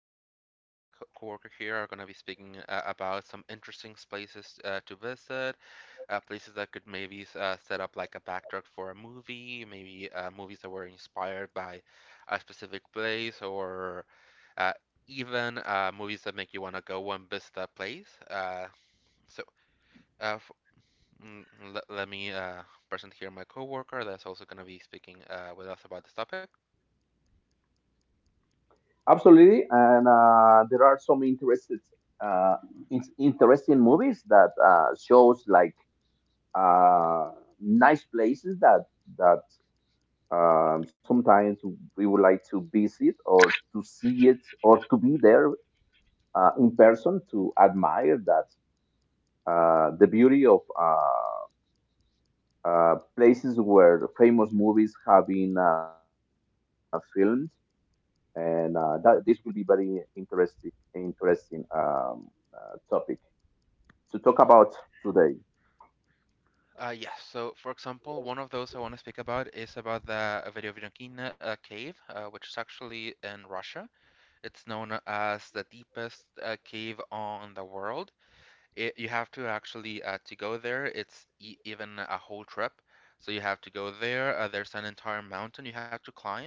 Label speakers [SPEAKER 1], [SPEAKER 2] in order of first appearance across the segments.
[SPEAKER 1] me and my coworker here are going to be speaking about some interesting places to visit, places that could maybe set up like a backdrop for a movie, maybe movies that were inspired by a specific place, or uh, even movies that make you want to go and visit that place. So, uh, f- mm, Let me present here my coworker that's also going to be speaking with us about this topic.
[SPEAKER 2] Absolutely, and there are some uh, interesting movies that shows like uh, nice places that sometimes we would like to visit or to see it or to be there in person to admire that the beauty of places where famous movies have been filmed and that this will be very interesting topic to talk about today.
[SPEAKER 1] Yes. So, for example, one of those I want to speak about is about the Verovinokina cave, which is actually in Russia. It's known as the deepest cave on the world. You have to actually to go there. It's e even a whole trip. So you have to go there. There's an entire mountain you have to climb,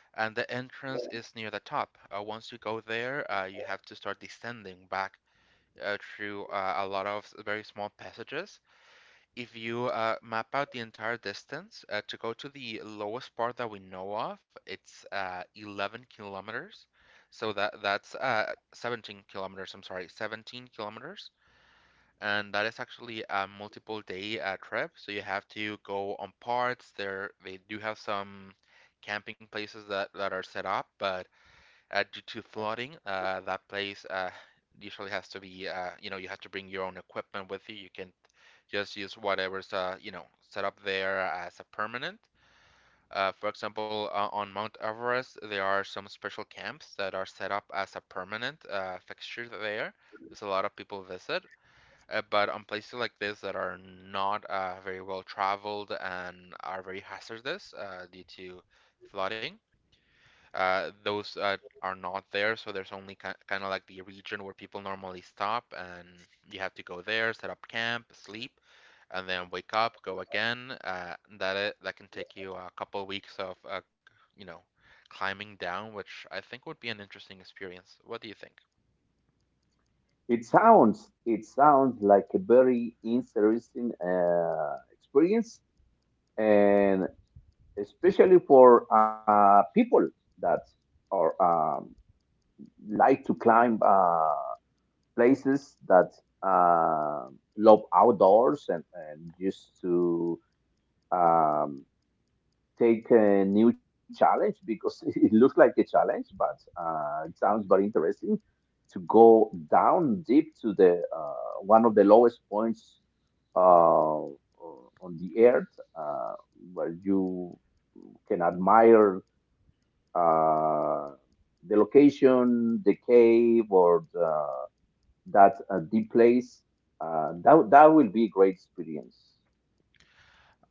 [SPEAKER 1] and the entrance is near the top. Once you go there, you have to start descending back through a lot of very small passages if you map out the entire distance to go to the lowest part that we know of, it's 11 kilometers. So that's 17 kilometers. I'm sorry, 17 kilometers, and that is actually a multiple day trip. So you have to go on parts. There they do have some camping places that are set up, but due to flooding, that place usually has to be you know you have to bring your own equipment with you. You can just use whatever's you know set up there as a permanent. For example, on Mount Everest, there are some special camps that are set up as a permanent fixture there. There's a lot of people visit. But on places like this that are not very well traveled and are very hazardous due to flooding, those are not there, so there's only ki kind of like the region where people normally stop, and you have to go there, set up camp, sleep, and then wake up, go again. That can take you a couple weeks of you know climbing down, which I think would be an interesting experience. What do you think?
[SPEAKER 2] It sounds like a very interesting experience, and especially for people that are um, like to climb places that uh, love outdoors and used to. um, take a new challenge because it looks like a challenge, but it sounds very interesting to go down deep to the one of the lowest points uh, on the earth, where you can admire uh, the location, the cave, or the, that deep place. That will be a great experience.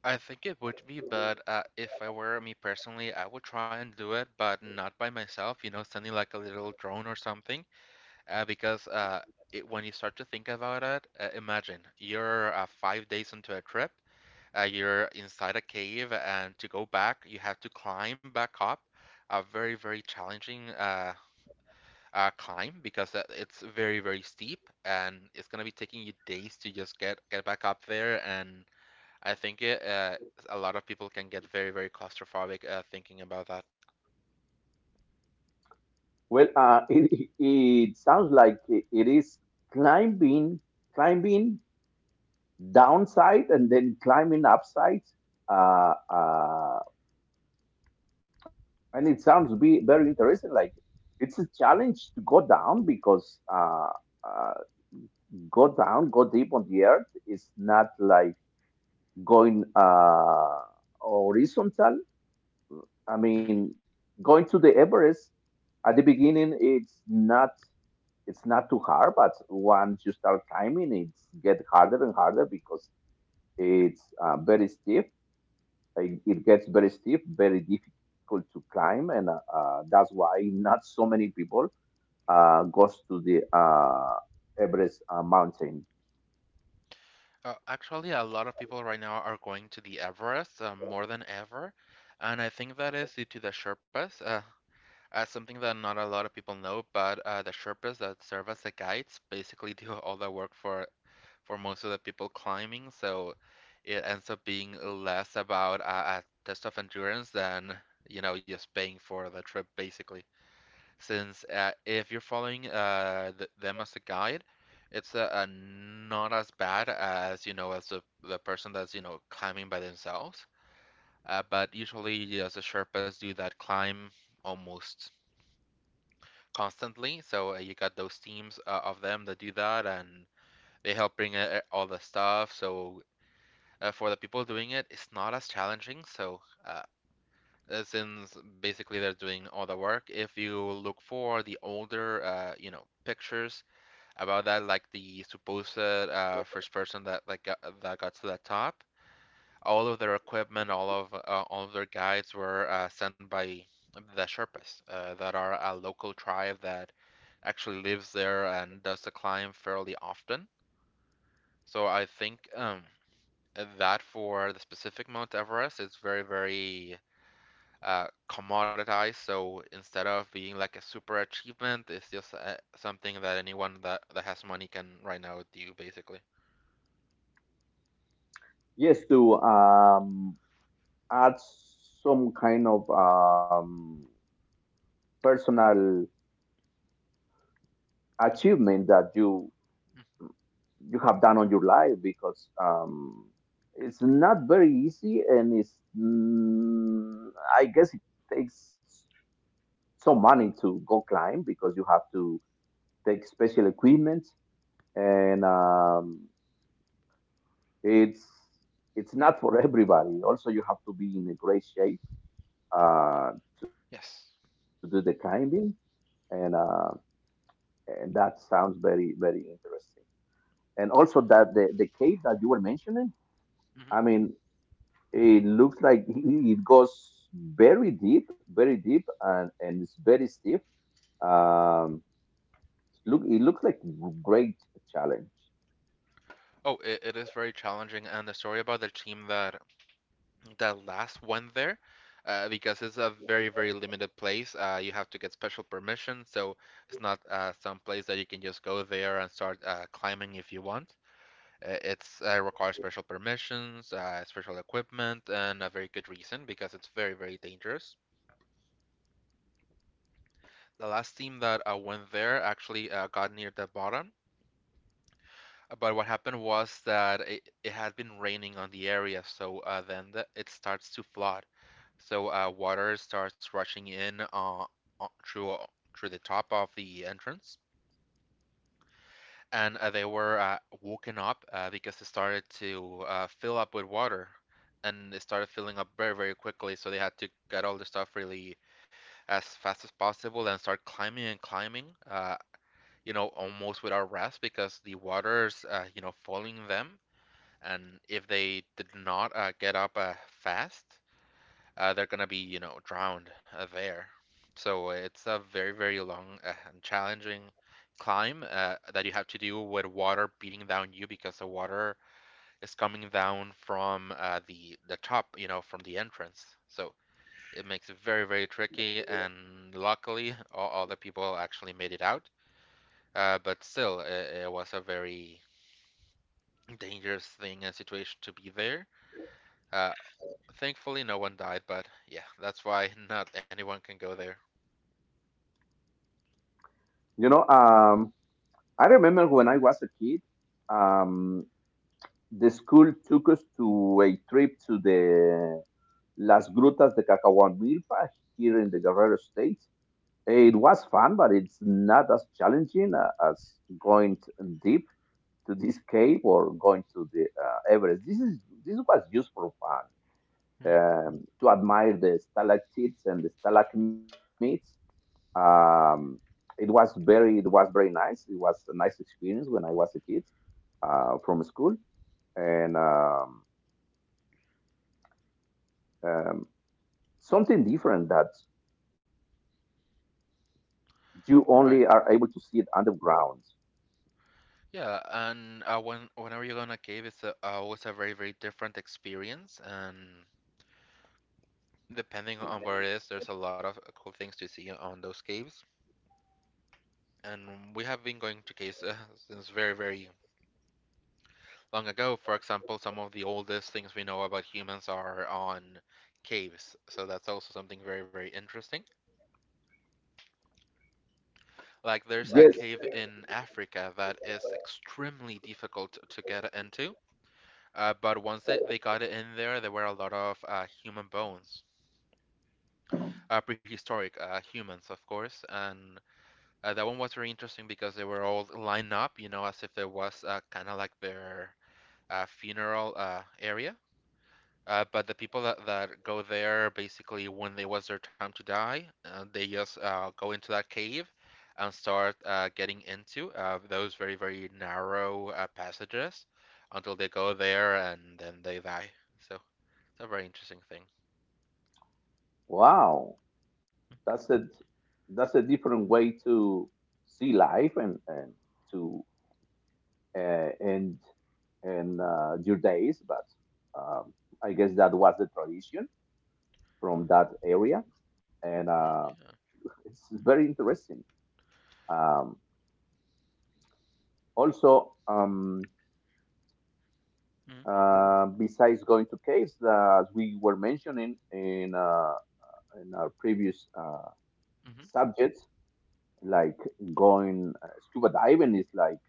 [SPEAKER 1] I think it would be, but if I were me personally, I would try and do it, but not by myself, you know, sending like a little drone or something. Uh, because uh, when you start to think about it, imagine you're 5 days into a trip, you're inside a cave, and to go back, you have to climb back up. A very, very challenging climb because it's very, very steep, and it's gonna be taking you days to just get back up there. And I think it, A lot of people can get very, very claustrophobic thinking about that.
[SPEAKER 2] Well, it sounds like it is climbing, climbing downside and then climbing upside. Uh, uh, and it sounds be very interesting. Like it's a challenge to go down because uh, go down, go deep on the earth is not like going horizontal. I mean, going to the Everest at the beginning, it's not. It's not too hard, but once you start climbing, it's get harder and harder because it's very steep. It gets very steep, very difficult to climb, and that's why not so many people goes to the Everest mountain.
[SPEAKER 1] Actually, a lot of people right now are going to the Everest more than ever, and I think that is due to the Sherpas. As something that not a lot of people know, but the Sherpas that serve as the guides basically do all the work for most of the people climbing. So it ends up being less about a test of endurance than you know just paying for the trip basically since if you're following th them as a guide, it's not as bad as you know as the person that's you know climbing by themselves. But usually, you know, the Sherpas do that climb almost constantly. So you got those teams of them that do that, and they help bring all the stuff. So for the people doing it, it's not as challenging. So uh, since basically they're doing all the work, if you look for the older, you know, pictures about that like the supposed first person that that got to the top. All of their equipment, all of their guides were sent by the Sherpas, that are a local tribe that actually lives there and does the climb fairly often. So I think that for the specific Mount Everest, it's very, very commoditized. So instead of being like a super achievement, it's just something that that has money can right now do, basically.
[SPEAKER 2] Yes, to add some kind of personal achievement that you
[SPEAKER 1] Mm.
[SPEAKER 2] you have done on your life because it's not very easy and it's I guess it takes some money to go climb because you have to take special equipment and it's it's not for everybody. Also, you have to be in a great shape uh, to do the
[SPEAKER 1] Yes.
[SPEAKER 2] climbing and uh, and that sounds very very interesting. And also that the cave that you were mentioning, I
[SPEAKER 1] Hmm.
[SPEAKER 2] mean, it looks like it goes very deep, and it's very stiff. Um, look, it looks like great challenge.
[SPEAKER 1] Oh, it is very challenging, and the story about the team that that last went there, because it's a very, very limited place. You have to get special permission, so it's not some place that you can just go there and start climbing if you want. It's requires special permissions, special equipment, and a very good reason because it's very, very dangerous. The last team that went there actually got near the bottom, but what happened was that it had been raining on the area, so it starts to flood. So water starts rushing in through through the top of the entrance, and they were woken up because it started to fill up with water, and it started filling up very very quickly. So they had to get all the stuff really as fast as possible and start climbing and climbing. You know, almost without rest because the water's you know following them and if they did not get up fast, they're gonna be you know drowned there. So it's a very very long and challenging climb that you have to do with water beating down you because the water is coming down from the top, you know, from the entrance. So it makes it very very tricky. And luckily, all the people actually made it out. But still, it was a very dangerous thing and situation to be there. Uh, Thankfully, no one died, but yeah, that's why not anyone can go there.
[SPEAKER 2] You know, I remember when I was a kid, um, the school took us to a trip to the Las Grutas de Cacahuamilpa here in the Guerrero State. It was fun, but it's not as challenging as going deep to this cave or going to the Everest. This was just for fun
[SPEAKER 1] Mhm.
[SPEAKER 2] to admire the stalactites and the stalagmites. Um, it was very nice. It was a nice experience when I was a kid from school and um, something different that you only are able to see it
[SPEAKER 1] Right.
[SPEAKER 2] underground.
[SPEAKER 1] Yeah, and when whenever you go on a cave, always a very very different experience, and depending on where it is, there's a lot of cool things to see on those caves. And we have been going to caves since very very long ago. For example, some of the oldest things we know about humans are on caves, so that's also something very very interesting. Like there's a
[SPEAKER 2] Yes.
[SPEAKER 1] cave in Africa that is extremely difficult to get into, but once they got it in there, there were a lot of human bones, prehistoric humans, of course, and that one was very interesting because they were all lined up, you know, as if it was kind of like their funeral area. But the people that go there basically when it was their time to die, they just go into that cave and start getting into those very, very narrow passages until they go there and then they die. So it's a very interesting thing.
[SPEAKER 2] Wow. That's a that's a different way to see life and to and and Judaism, but um, I guess that was the tradition from that area, and
[SPEAKER 1] Mm,
[SPEAKER 2] it's
[SPEAKER 1] yeah.
[SPEAKER 2] very interesting. Um, also,
[SPEAKER 1] Mm,
[SPEAKER 2] besides going to caves, as we were mentioning in in our previous
[SPEAKER 1] mhm,
[SPEAKER 2] subject, like going scuba diving is like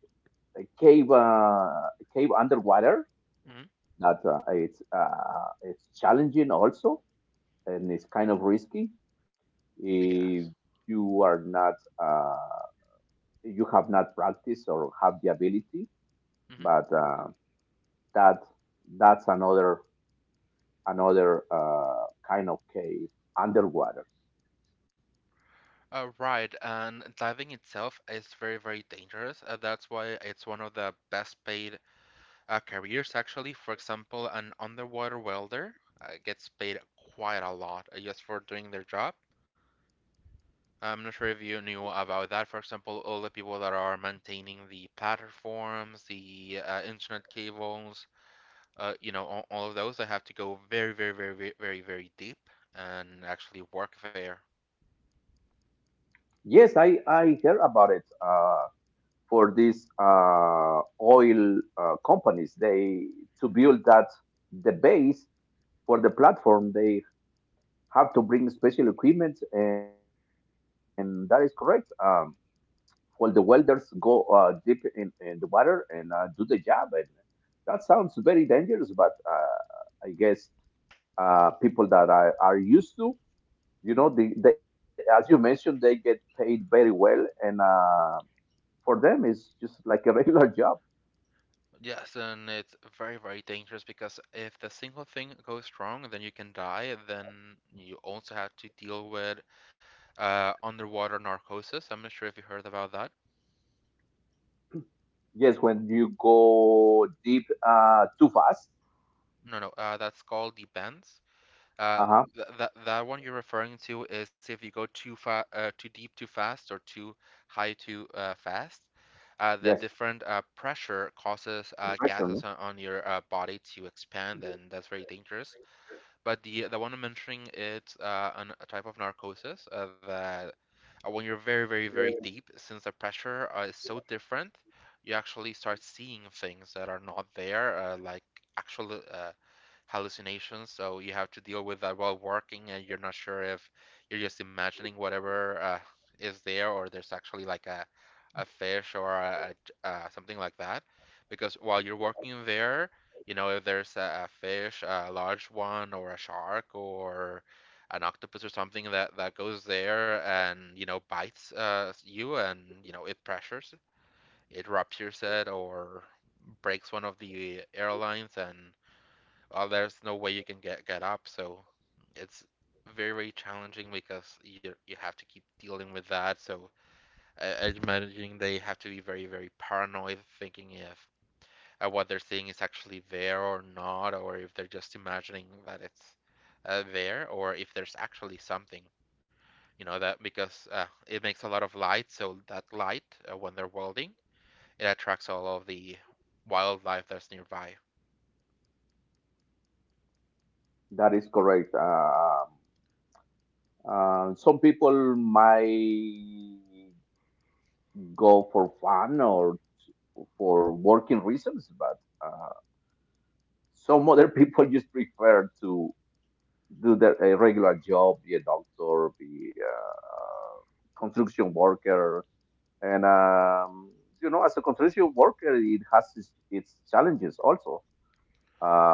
[SPEAKER 2] a cave, a cave underwater.
[SPEAKER 1] mhm.
[SPEAKER 2] That it's challenging also and it's kind of risky
[SPEAKER 1] Yes.
[SPEAKER 2] if you are not uh, you have not practiced or have the ability
[SPEAKER 1] Hmm.
[SPEAKER 2] but that that's another another kind of cave underwater.
[SPEAKER 1] Right, and diving itself is very, very dangerous. That's why it's one of the best paid careers actually, for example, an underwater welder gets paid quite a lot just for doing their job. I'm not sure if you knew about that. For example, all the people that are maintaining the platforms, the internet cables, you know, all of those, they have to go very, very, very, very, very, very deep and actually work there.
[SPEAKER 2] Yes, I heard about it. For these uh, oil companies, they to build that the base for the platform, they have to bring special equipment, and that is correct. Well, the welders go deep in the water and do the job, and that sounds very dangerous, but I guess people that are used to, you know, the as you mentioned, they get paid very well. And For them, it's just like a regular job.
[SPEAKER 1] Yes, and it's very, very dangerous because if the single thing goes wrong, then you can die. Then you also have to deal with underwater narcosis. I'm not sure if you heard about that.
[SPEAKER 2] Yes, when you go deep too fast.
[SPEAKER 1] No, no, that's called the bends. Uh,
[SPEAKER 2] Uh-huh.
[SPEAKER 1] th That that one you're referring to is if you go too deep too fast or too high too fast. The
[SPEAKER 2] Yes,
[SPEAKER 1] different pressure causes
[SPEAKER 2] the pressure, no?
[SPEAKER 1] gases on your body to expand, and that's very dangerous. But the one I'm mentioning it's a type of narcosis that when you're very, very, very deep, since the pressure is so different, you actually start seeing things that are not there, like actual hallucinations. So you have to deal with that while working, and you're not sure if you're just imagining whatever is there or there's actually like a fish or something like that. Because while you're working there, you know, if there's a fish, a large one, or a shark, or an octopus or something that, that goes there and, you know, bites you and, you know, it pressures, it ruptures it, or breaks one of the airlines and there's no way you can get up. So it's very challenging because you have to keep dealing with that. So I imagine they have to be very paranoid, thinking if what they're seeing is actually there or not, or if they're just imagining that it's there, or if there's actually something. You know that because it makes a lot of light, so that light when they're welding, it attracts all of the wildlife that's nearby.
[SPEAKER 2] That is correct. Some people might go for fun or for working reasons, but uh, some other people just prefer to do their a regular job, be a doctor, be a construction worker, and you know, as a construction worker, it has its challenges also.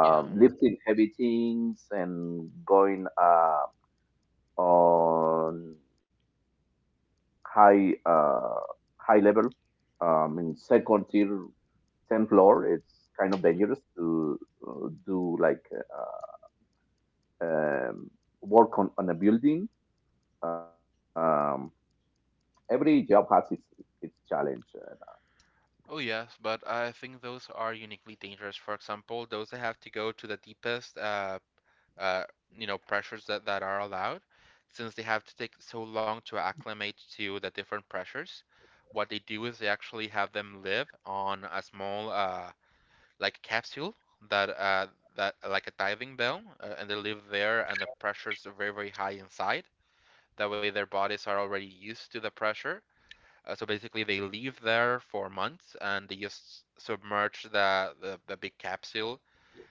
[SPEAKER 1] Yeah.
[SPEAKER 2] lifting heavy things and going on high uh, high level, in second tier, 10th floor, it's kind of
[SPEAKER 1] um,
[SPEAKER 2] dangerous to do like uh, um, work on a building. um, every job has its challenge.
[SPEAKER 1] Oh yes, but I think those are uniquely dangerous. For example, those that have to go to the deepest, uh, you know, pressures that are allowed, since they have to take so long to acclimate to the different pressures. What they do is they actually have them live on a small, like capsule that, that like a diving bell, and they live there, and the pressures are very, very high inside. That way, their bodies are already used to the pressure, so basically, they leave there for months and they just submerge the big capsule.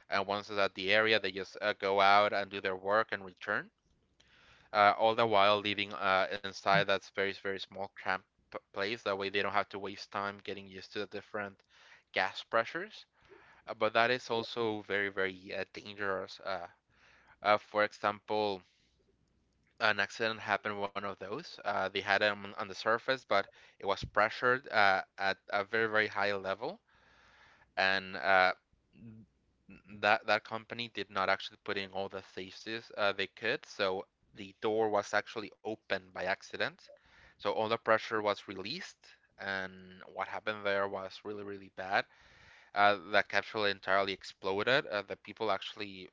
[SPEAKER 1] And once it's at the area, they just go out and do their work and return. All the while living inside that very, very small cramped place. That way, they don't have to waste time getting used to the different gas pressures. But that is also very, very dangerous. For example, an accident happened one of those. They had it on the surface, but it was pressured at a very, very high level, and that company did not actually put in all the safeties they could, so the door was actually opened by accident. So all the pressure was released, and what happened there was really, really bad. Uh, that capsule entirely exploded. The people actually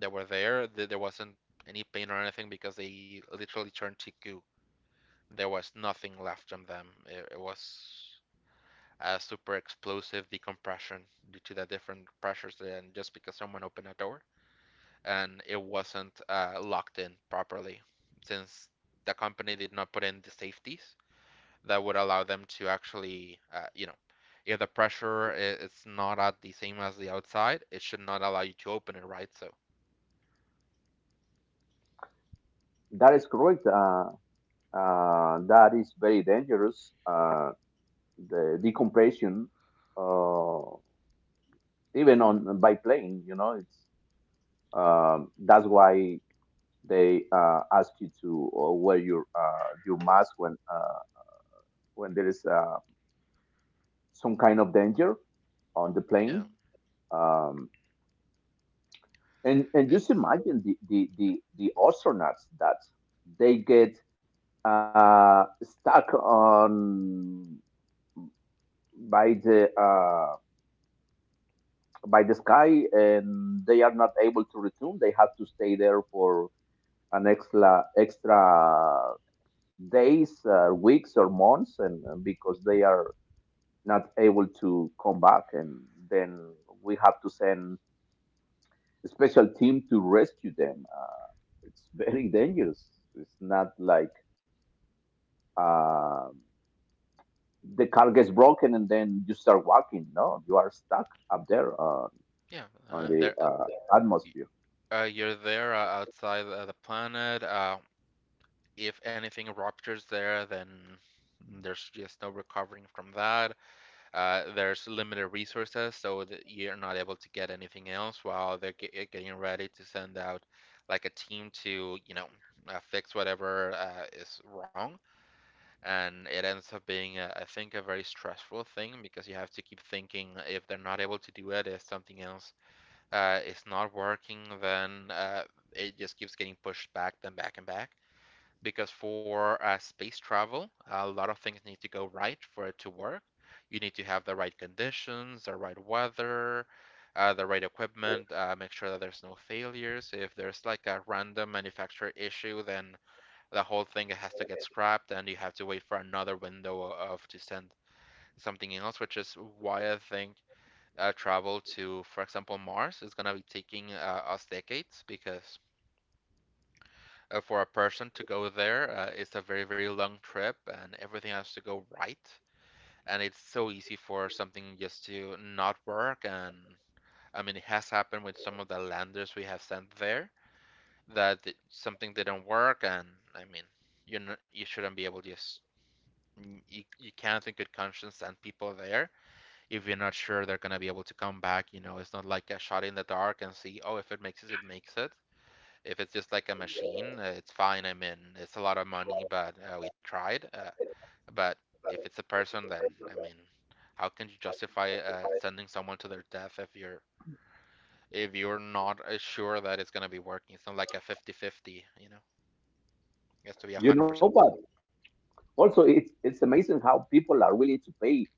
[SPEAKER 1] that were there, there wasn't any pain or anything because they literally turned to goo. There was nothing left on them. It was a super explosive decompression due to the different pressures there and just because someone opened a door and it wasn't locked in properly since the company did not put in the safeties that would allow them to actually, you know, if the pressure is not at the same as the outside, it should not allow you to open it, right? So,
[SPEAKER 2] That is correct. That is very dangerous. The decompression, uh, even on by plane, you know, it's, that's why they ask you to wear your mask when there is some kind of danger on the
[SPEAKER 1] yeah,
[SPEAKER 2] plane. Um, and just
[SPEAKER 1] it's
[SPEAKER 2] imagine the astronauts that they get stuck on by the uh, by the sky, and they are not able to return. They have to stay there for an extra days, weeks, or months, and because they are not able to come back, and then we have to send a special team to rescue them. It's very dangerous. It's not like uh, the car gets broken and then you start walking. No, you are stuck up there
[SPEAKER 1] yeah,
[SPEAKER 2] on the
[SPEAKER 1] there,
[SPEAKER 2] atmosphere.
[SPEAKER 1] you're there outside the planet. If anything ruptures there, then there's just no recovering from that. There's limited resources, so that you're not able to get anything else while they're getting ready to send out like a team to, you know, fix whatever is wrong. And it ends up being, I think, a very stressful thing because you have to keep thinking if they're not able to do it, if something else is not working, then it just keeps getting pushed back, then back and back because for space travel, a lot of things need to go right for it to work. You need to have the right conditions, the right weather, the right equipment, make sure that there's no failures. If there's like a random manufacturer issue, then the whole thing has to get scrapped and you have to wait for another window of to send something else, which is why I think travel to, for example, Mars is gonna be taking us decades because for a person to go there. It's a very, very long trip, and everything has to go right. And it's so easy for something just to not work. And I mean, it has happened with some of the landers we have sent there that something didn't work. And I mean, you you shouldn't be able to just you can't in good conscience send people there if you're not sure they're gonna be able to come back. You know, it's not like a shot in the dark and see, oh, if it makes it, it makes it. If it's just like a machine, it's fine. It's a lot of money, but we tried. But if it's a person, then I mean, how can you justify sending someone to their death if you're not sure that it's gonna be working? It's not like a 50-50, you know. It has to be a hundred
[SPEAKER 2] You know,
[SPEAKER 1] percent.
[SPEAKER 2] but also it's amazing how people are willing to pay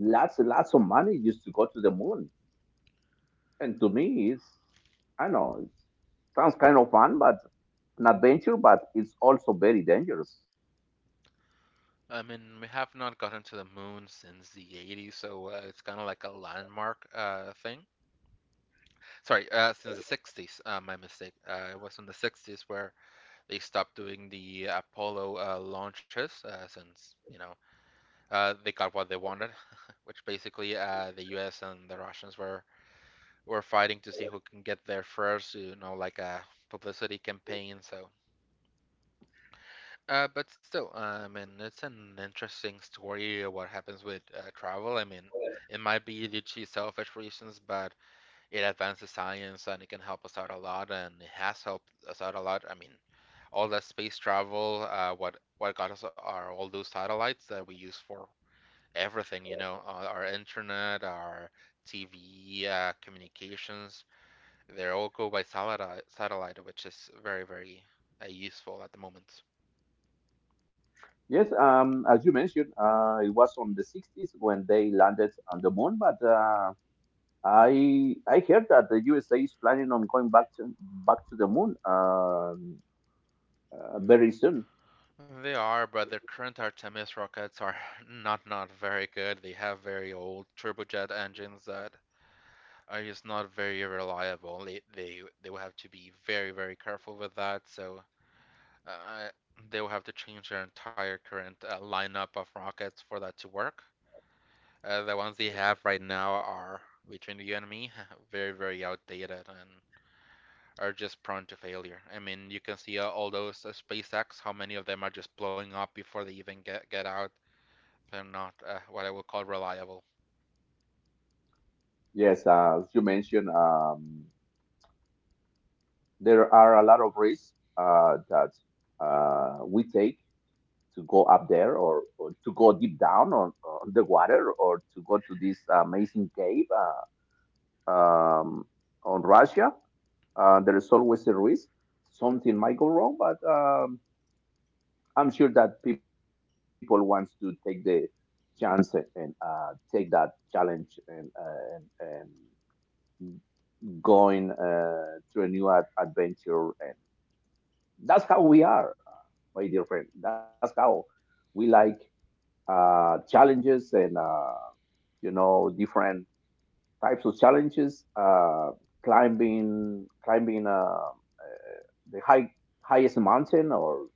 [SPEAKER 2] lots and lots of money just to go to the moon. And to me, it's, I know, it sounds kind of fun, but an adventure, but it's also very dangerous.
[SPEAKER 1] I mean, we have not gotten to the moon since the 80s, so it's kind of like a landmark thing. Sorry, since the 60s. My mistake. It was in the 60s where they stopped doing the Apollo launches since, you know, they got what they wanted, which basically the US and the Russians were fighting to see who can get there first, you know, like a publicity campaign. So, but still, I mean, it's an interesting story what happens with travel. I mean, it might be due to selfish reasons, but it advances science and it can help us out a lot and it has helped us out a lot. I mean, all that space travel, what got us are all those satellites that we use for everything, you know, our internet, our TV, communications. They all go by satellite, which is very, very useful at the moment.
[SPEAKER 2] Yes, as you mentioned, it was on the 60s when they landed on the moon, but I heard that the USA is planning on going back to back to the moon, very soon.
[SPEAKER 1] They are, but the current Artemis rockets are not very good. They have very old turbojet engines that are just not very reliable. They will have to be very careful with that. So uh, they will have to change their entire current lineup of rockets for that to work. The ones they have right now are between you and me, very outdated and are just prone to failure. I mean, you can see all those SpaceX, how many of them are just blowing up before they even get out. They're not what I would call reliable.
[SPEAKER 2] Yes, as you mentioned, there are a lot of risks that we take to go up there or to go deep down on the water or to go to this amazing cave uh, um, on Russia. There is always a risk. Something might go wrong, but I'm sure that people want to take the chance and take that challenge, and, and going through a new adventure. And that's how we are, my dear friend. That's how we like challenges and you know different types of challenges. Climbing the highest mountain, or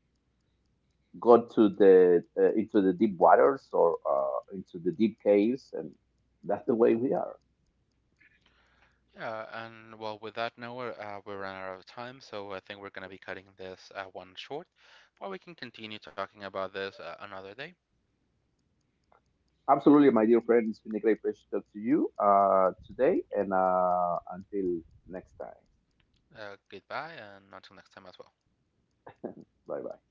[SPEAKER 2] go to the into the deep waters, or into the deep caves, and that's the way we are.
[SPEAKER 1] Yeah, and well, with that, Noah, we ran out of time, so I think we're going to be cutting this one short. But we can continue talking about this another day.
[SPEAKER 2] Absolutely, my dear friend. It's been a great pleasure to talk to you today, and until next time.
[SPEAKER 1] Goodbye, and until next time as well.
[SPEAKER 2] Bye bye.